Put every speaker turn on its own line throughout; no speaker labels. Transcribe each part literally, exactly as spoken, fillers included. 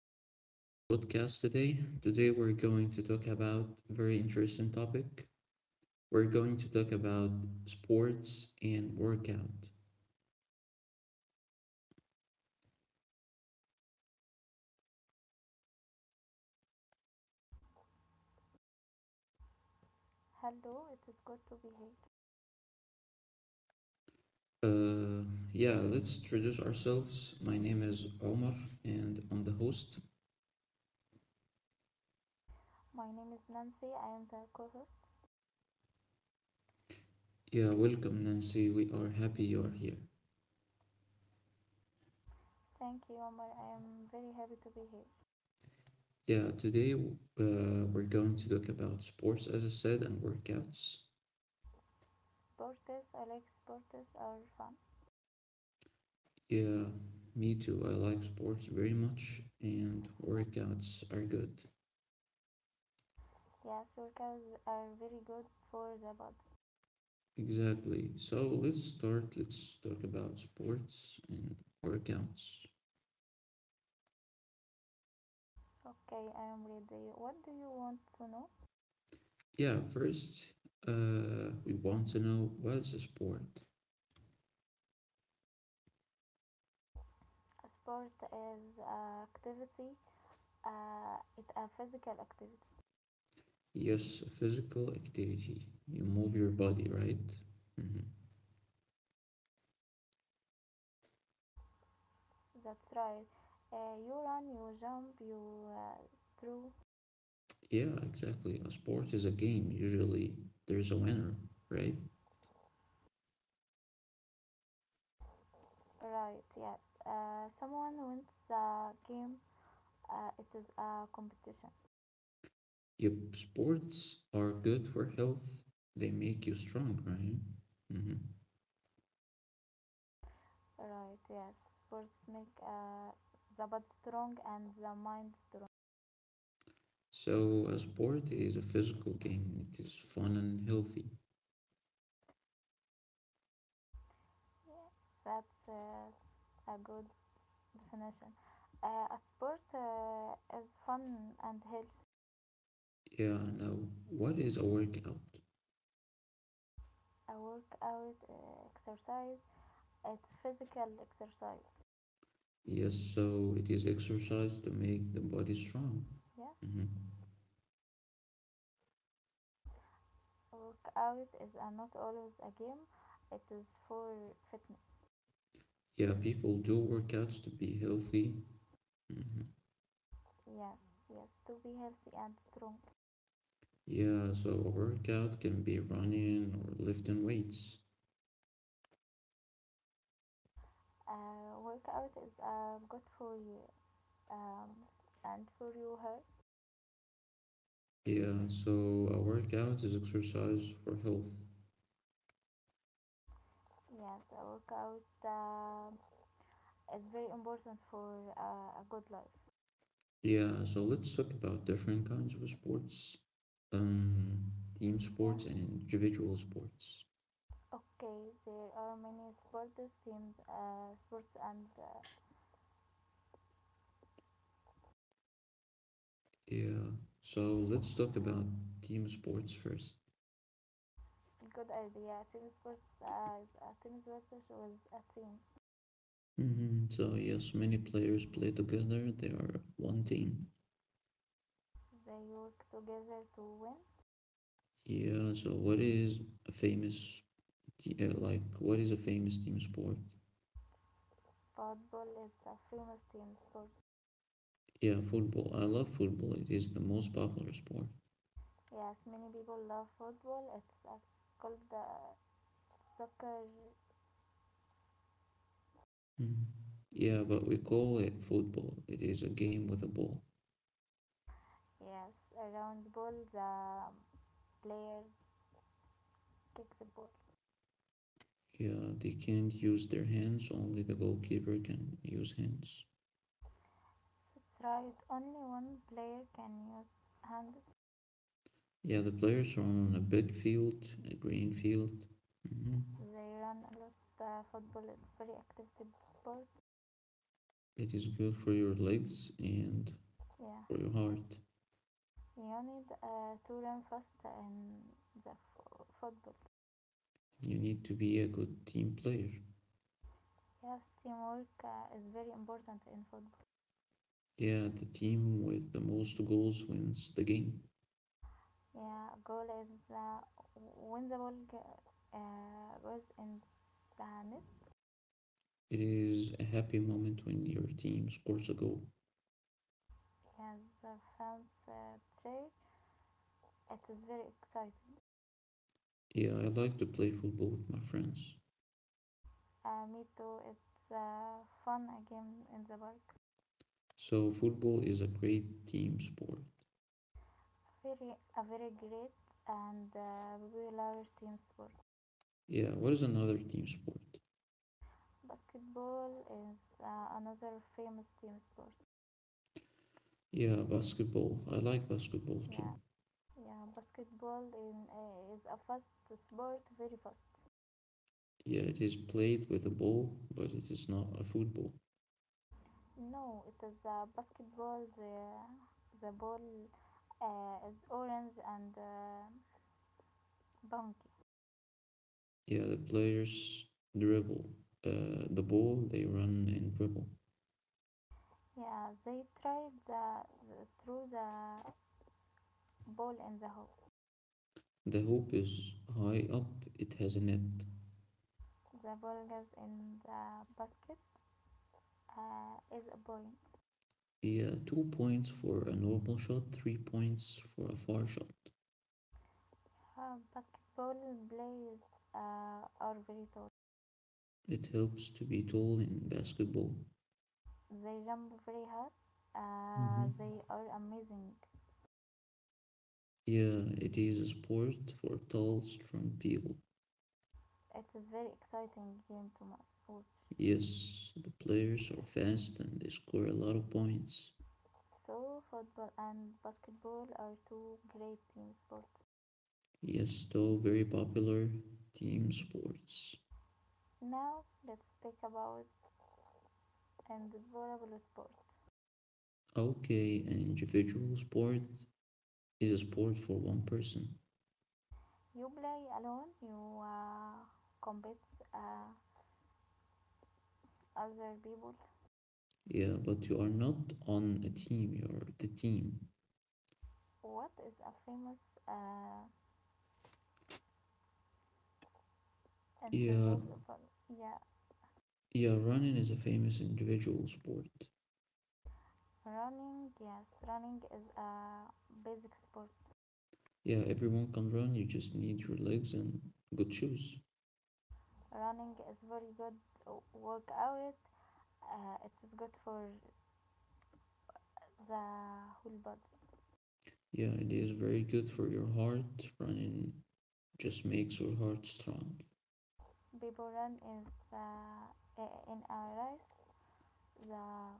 welcome to our podcast today. Today, we're going to talk about a very interesting topic. We're going to talk about sports and workout.
Hello, it is good to be here.
Uh, yeah, let's introduce ourselves. My name is Omar, and I'm the host.
My name is Nancy. I am the co-host.
Yeah, welcome, Nancy. We are happy you're here.
Thank you, Omar. I am very happy to be here.
Yeah, today uh, we're going to talk about sports, as I said, and workouts.
Sports, I like sports are fun.
Yeah, me too. I like sports very much, and
Yeah.
workouts are good.
Yes, workouts are very good for the body.
Exactly. So let's start. Let's talk about sports and workouts.
Okay, I am ready. What do you want to know?
Yeah, first, uh, we want to know, what is a sport?
A sport is a activity. Uh, it's a physical activity.
Yes, a physical activity. You move your body, right? hmm
That's right. Uh, you run, you jump, you uh, throw.
Yeah, exactly. A sport is a game. Usually, there's a winner, right?
Right. Yes. Uh, someone wins the game. Uh, it is a competition,
Yep, sports are good for health. They make you strong, right? Mm-hmm.
right? Yes, sports make uh, the body strong and the mind strong.
So, a sport is a physical game. It is fun and healthy.
Yeah. That's uh, a good definition. Uh, a sport uh, is fun and healthy.
Yeah, now, what is a workout?
A workout uh, exercise, it's physical exercise.
Yes, so it is exercise to make the body strong.
Yes,
hmm
a workout is uh, not always a game. It is for fitness.
Yeah, people do workouts to be healthy. hmm
Yes, yes, to be healthy and strong.
Yeah, so a workout can be running or lifting weights.
Uh, workout is uh, good for you, um, and for your health.
Yeah, so a workout is exercise for health.
Yes, a workout um, is very important for uh, a good life.
Yeah, so let's talk about different kinds of sports, um, team
Yeah.
sports and individual sports.
Okay, there are many sports teams, uh, sports and uh,
Yeah. So let's talk
yeah,
about team sports first.
good idea. Team sports uh, is a team sports with a team.
Mm-hmm. So yes, many players play together. They are one team.
They work together to win.
Yeah. So what is a famous te- uh, like, what is a famous team sport?
Football is a famous team sport.
Yeah, football. I love football. It is the most popular sport.
Yes, many people love football. It's uh, called the uh, soccer.
Mhm. Yeah, but we call it football. It is a game with a ball.
Yes, around ball the player kick the ball.
Yeah, they can't use their hands, only the goalkeeper can use hands.
Right, only one player can use hands.
Yeah, the players are on a big field, a green field. Mm-hmm.
They run a lot. The football is very active sport.
It is good for your legs and
Yeah,
for your heart.
you need uh, to run fast in the f- football.
You need to be a good team player.
Yes, teamwork uh, is very important in football.
Yeah, the team with the most goals wins the game.
Yeah, goal is the when the ball uh, goes in the net.
It is a happy moment when your team scores a goal.
Yes, the fans uh, cheer. It is very exciting.
Yeah, I like to play football with my friends.
Uh, me too. It's uh, fun again in the park.
So, football is a great team sport.
Very, a very great and uh, popular team sport.
Yeah, what is another team sport?
Basketball is uh, another famous team sport.
Yeah, basketball. I like basketball too.
Yeah, yeah. Basketball in, uh, is a fast sport, very fast.
Yeah, it is played with a ball, but it is not a football.
No, it is uh, basketball. The the ball uh, is orange and uh, bouncy.
Yeah, the players dribble uh, the ball, they run and dribble.
Yeah, they tried the, the through the ball in the hole.
The hoop is high up, it has a net.
The ball goes in the basket uh, is a point.
Yeah, two points for a normal shot, three points for a far shot.
Uh, basketball players uh, are very tall.
It helps to be tall in basketball.
They jump very hard. Uh,
hmm
they are amazing.
Yeah, it is a sport for tall, strong people.
It is very exciting game to watch.
Yes, the players are
Yes.
fast and they score a lot of points.
So football and basketball are two great team sports.
Yes, though very popular team sports.
Now let's speak about individual sports.
Okay, an individual sport is a sport for one person.
You play alone. You uh, compete uh, other people.
Yeah, but you are not on a team, you're the team.
What is a famous uh,
Yeah,
unbelievable? Yeah,
yeah, running is a famous individual sport.
running. Yes, running is a basic sport.
Yeah, everyone can run, you just need your legs and good shoes.
Running is very good workout. Uh, it is good for the whole body.
Yeah, it is very good for your heart. Running just makes your heart strong.
People run is uh, in a race. The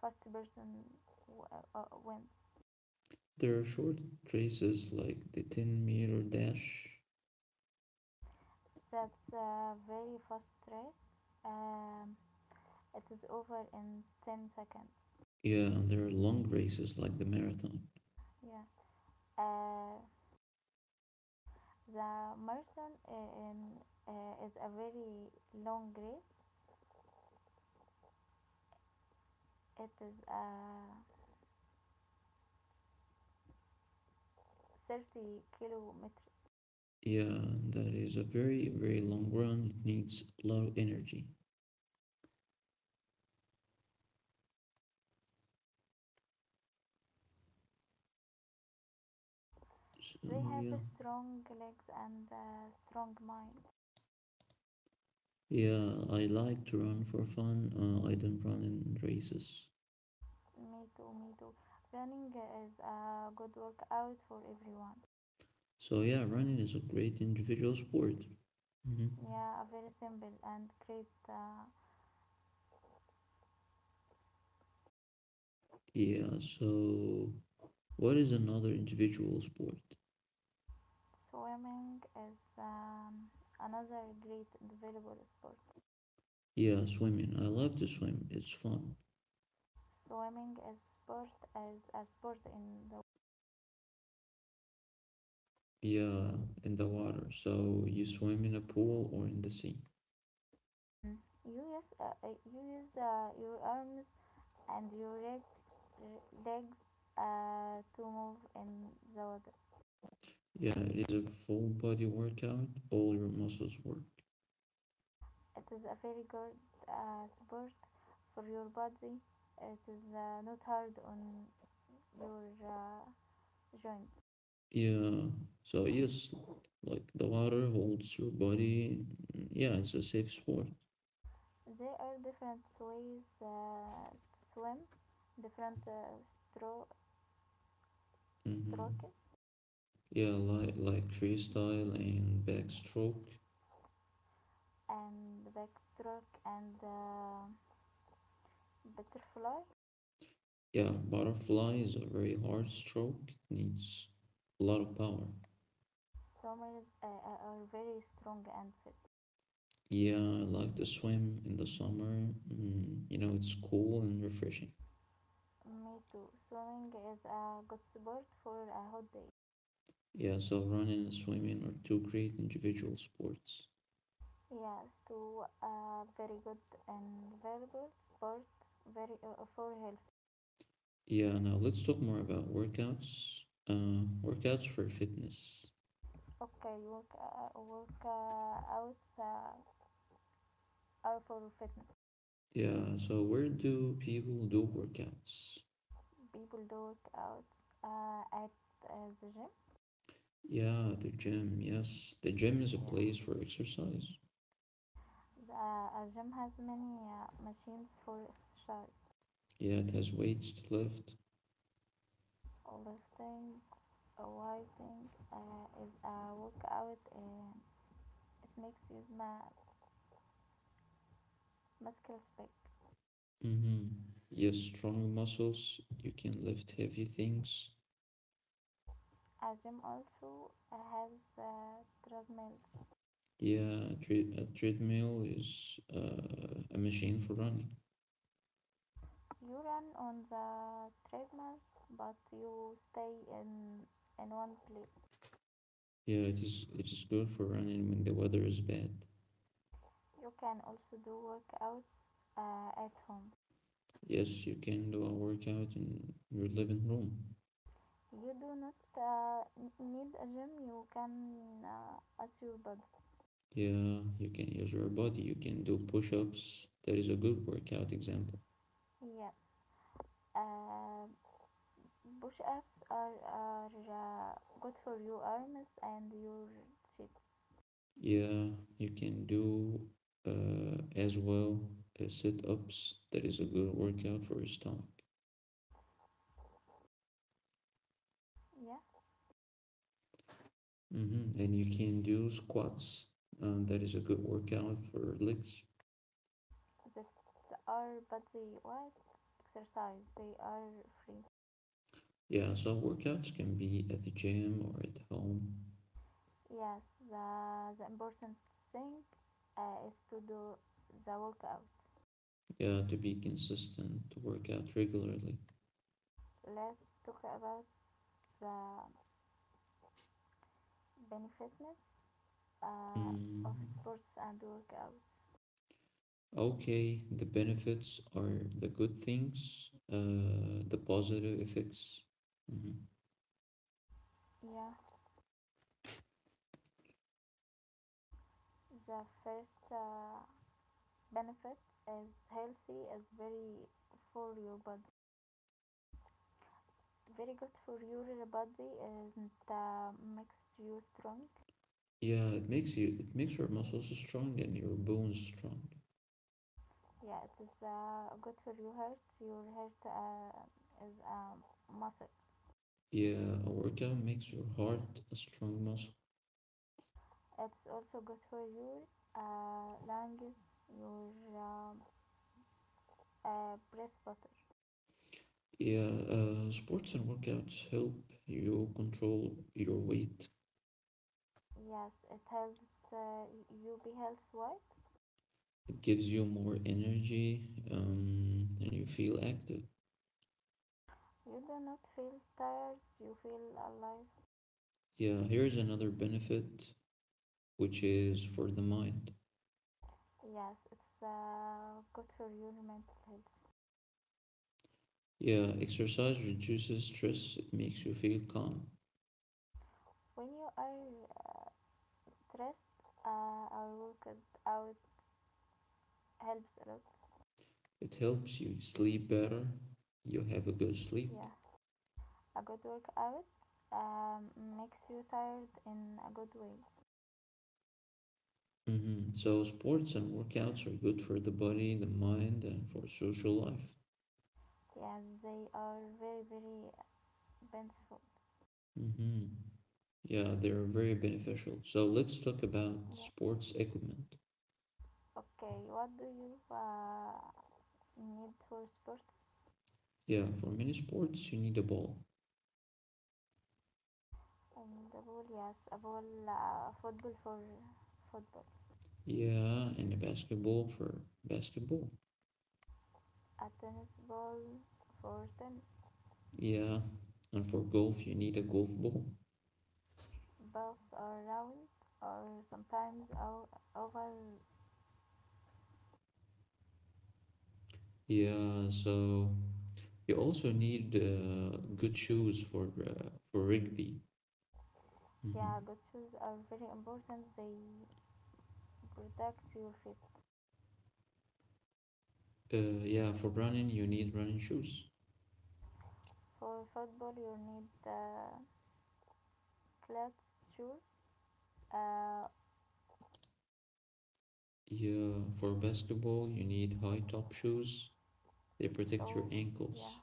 first person w- uh, wins.
There are short races like the ten meter dash.
That's a very fast race. Um, it is over in ten seconds.
Yeah, and there are long races like the marathon.
Yeah. Uh, The marathon um, uh, is a very long race. It is uh, thirty kilometers.
Yeah, that is a very, very long run. It needs a lot of energy. So
They have
yeah,
strong legs and a strong mind.
yeah, I like to run for fun. Uh, I don't run in races.
Me too, me too. Running is a good workout for everyone.
So yeah, running is a great individual sport. hmm
Yeah, very simple and great. Uh,
Yeah. So what is another individual sport?
swimming is um, another great available sport.
Yeah, swimming. I love to swim. It's fun.
Swimming is sport as a sport in the.
Yeah, in the water. So you swim in a pool or in the sea.
Hmm. You use uh, uh, you use uh, your arms and your leg, uh, legs uh, to move in the water.
Yeah, it is a full body workout. All your muscles work.
It is a very good uh, sport for your body. It is uh, not hard on your uh, joints.
Yeah. So yes, like the water holds your body. Yeah, it's a safe sport.
There are different ways uh, to swim, different uh, stro-
Mm-hmm.
stroke
Yeah, like like freestyle and backstroke.
and backstroke and uh, butterfly.
Yeah, butterfly is a very hard stroke. It needs a lot of power.
Swimmers uh, are very strong and fit.
Yeah, I like to swim in the summer. Mm, you know, it's cool and refreshing.
Me too. Swimming is a good sport for a hot day.
Yeah, so running and swimming are two great individual sports.
Yes, to a very good and valuable sport very uh, for health.
Yeah, now let's talk more about workouts. Uh, workouts for fitness.
Okay, work uh, work uh, out uh, are for fitness.
Yeah, so where do people do workouts?
People do work out uh, at uh, the gym.
Yeah, the gym. Yes, the gym is a
Yeah,
place for exercise.
the, uh, a gym has many uh, machines for exercise.
Yeah, it has weights to lift.
Lifting weighting uh, is a workout and it makes you smart, muscles big.
Mm-hmm. Yes, strong muscles. You can lift heavy things.
A gym also uh, has uh, treadmills.
Yeah, a, tre- a treadmill is uh, a machine for running.
You run on the treadmill, but you stay in in one place.
Yeah, it is. It is good for running when the weather is bad.
You can also do workouts uh, at home.
Yes, you can do a workout in your living room.
You do not uh, need a gym. You can uh, as your body.
Yeah, you can use your body. You can do push-ups. That is a good workout example.
Yes. Uh, Push-ups are, are uh, good for your arms and your cheek.
Yeah, you can do uh, as well as sit ups. That is a good workout for your stomach.
Yeah,
hmm And you can do squats. Uh, that is a good workout for legs.
that's are but the what exercise they are free.
Yeah, so workouts can be at the gym or at home.
Yes, the the important thing uh, is to do the workout.
Yeah, to be consistent, to work out regularly.
Let's talk about the benefits uh, of
Mm.
sports and workout.
Okay, the benefits are the good things, uh, the positive effects. hmm
Yeah, the first uh, benefit is healthy is very for your body. Very good for your body and uh, makes you strong.
Yeah, it makes you it makes your muscles strong and your bones strong.
Yeah, it is uh, good for your heart. Your heart uh, is a muscle.
Yeah, a workout makes your heart a strong muscle.
It's also good for your uh, lungs, your um, uh, breath butter.
Yeah, uh, sports and workouts help you control your weight.
Yes, it helps uh, you be health, right?
It gives you more energy, um, and you feel active.
You do not feel tired. You feel alive.
Yeah, here's another benefit, which is for the mind.
Yes, it's uh, good for your mental health.
Yeah, exercise reduces stress. It makes you feel calm.
When you are stressed, uh, or worked out helps a lot.
It helps you sleep better. You have a good sleep.
Yeah, a good workout um, makes you tired in a good way.
hmm So sports and workouts are good for the body, the mind, and for social life.
Yeah, they are very very beneficial.
hmm Yeah, they're very beneficial. So let's talk about
Yeah.
sports equipment.
Okay, what do you uh, need for sport?
Yeah, for many sports, you need a ball.
And the ball, yes, a ball, uh, football for football,
Yeah, and a basketball for basketball.
a tennis ball for tennis.
Yeah, and for golf, you need a golf ball.
Balls are round or sometimes o- oval.
Yeah, so you also need uh, good shoes for uh, for rugby.
Yeah,
hmm
good shoes are very important. They protect your feet.
Uh, yeah, for running, you need running shoes.
For football, you need uh, flat shoes. Uh,
Yeah, for basketball, you need high top shoes. They protect your
so yeah,
ankles.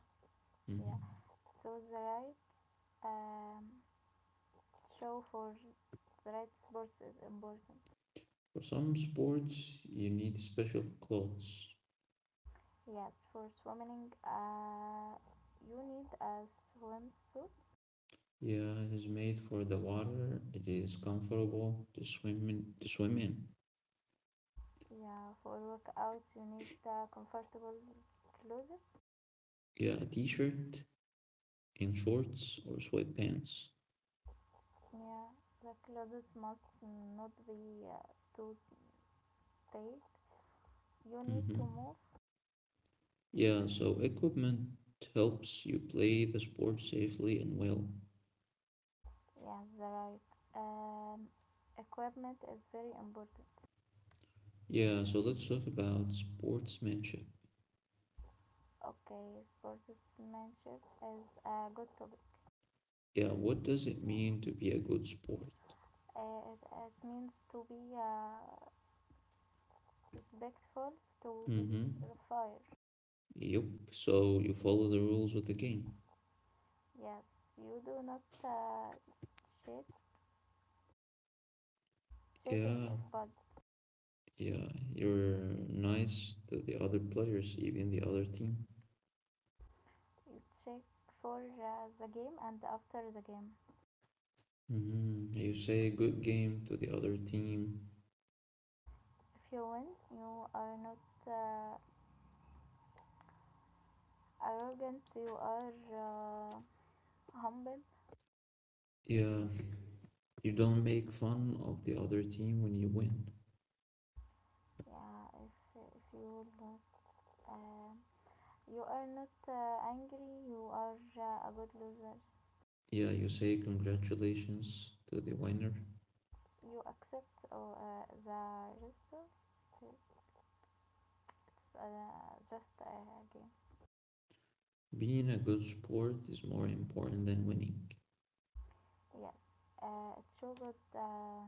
Mhm.
yeah. So the right um, shoe for the right sports is important.
For some sports, you need special clothes.
Yes, for swimming, uh, you need a swimsuit.
Yeah, it is made for the water. It is comfortable to swim in. to swim in.
Yeah, for workout, you need uh, comfortable clothes.
Yeah, a t-shirt and shorts or sweatpants.
Yeah, the clothes must not be uh, too tight. You need
Mm-hmm.
to move.
Yeah, so equipment helps you play the sport safely and well.
Yes, right. Um, Equipment is very important.
Yeah, so let's talk about sportsmanship.
Okay, sportsmanship is a good topic.
Yeah, what does it mean to be a good sport?
Uh, it, it means to be uh, respectful, to be
Mm-hmm.
fair.
Yep. So you follow the rules of the game.
Yes, you do not uh, cheat. Cheating
Yeah.
is bad.
Yeah. You're nice to the other players, even the other team.
You cheat for uh, the game and after the game.
Mm-hmm. You say good game to the other team.
If you win, you are not uh, arrogant. You are uh, humble.
Yeah. You don't make fun of the other team when you win.
Yeah, if if you lose, um, you are not uh, angry. You are uh, a good loser.
Yeah. You say congratulations to the winner.
You accept uh, uh, the result. It's uh, just a game.
Being a good sport is more important than winning.
Yes, uh, it show good. Uh,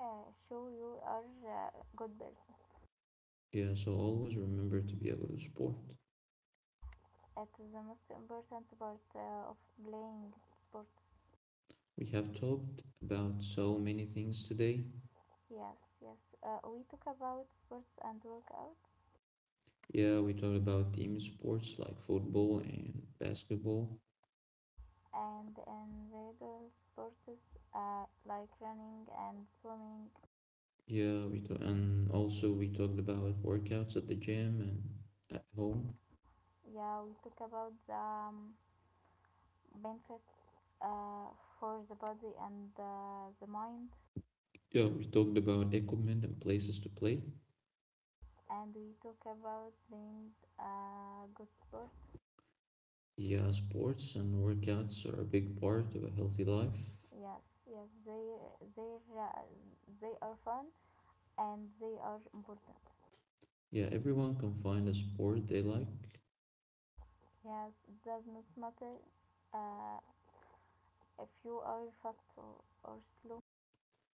uh, Show you are a good person.
Yeah. So always remember to be a good sport.
It is the most important part uh, of playing sports.
We have talked about so many things today.
Yes, yes. Uh, we talk about sports and workout.
Yeah, we talked about team sports like football and basketball.
And individual sports uh, like running and swimming.
Yeah, we talk and also we talked about workouts at the gym and at home.
Yeah, we talk about the um, benefits uh, for the body and uh, the mind,
Yeah, we talked about equipment and places to play.
and we talk about being a good sport.
Yeah, sports and workouts are a big part of a healthy life.
Yes, yes, they they uh, they are fun and they are important.
Yeah, everyone can find a sport they like.
Yes, it does not matter uh, if you are fast or, or slow.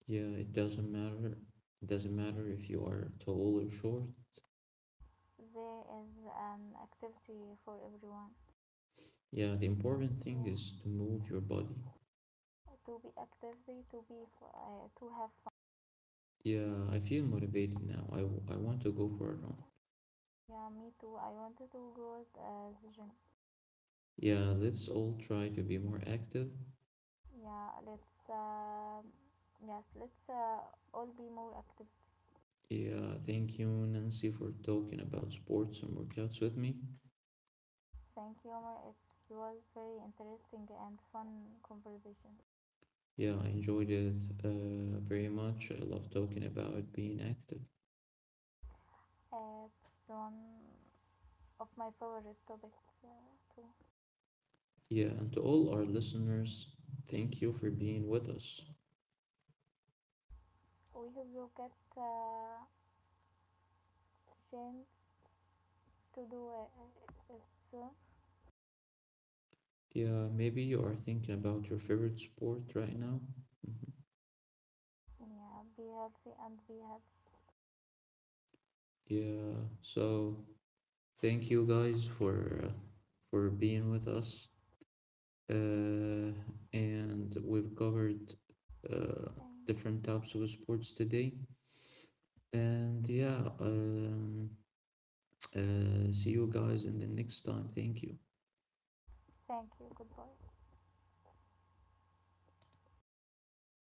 Yeah, it doesn't matter. It doesn't matter if you are tall or short.
There is an activity for everyone.
Yeah, the important thing
Yeah,
is to move your body.
to be actively, to be f- uh, to have
Yeah, I feel motivated
fun.
now. I, w- I want to go for a run.
Yeah, me too. I wanted to go to uh, the gym.
Yeah, let's all try to be more active.
Yeah let's um yes, let's uh, all be more active.
Yeah, thank you, Nancy, for talking about sports and workouts with me.
Thank you, Omar. It was very interesting and fun conversation.
Yeah, I enjoyed it uh, very much. I love talking about being active.
Uh, it's one of my favorite topics uh, too.
Yeah, and to all our listeners, thank you for being with us.
We hope you get uh, chance to do it, it soon.
Yeah, maybe you are thinking about your favorite sport right now.
Yeah, be healthy and be happy.
Yeah, so thank you guys for uh, for being with us. Uh, and we've covered uh,
Thank you.
different types of sports today. And yeah, um, uh, see you guys in the next time. Thank you.
Thank you. Goodbye.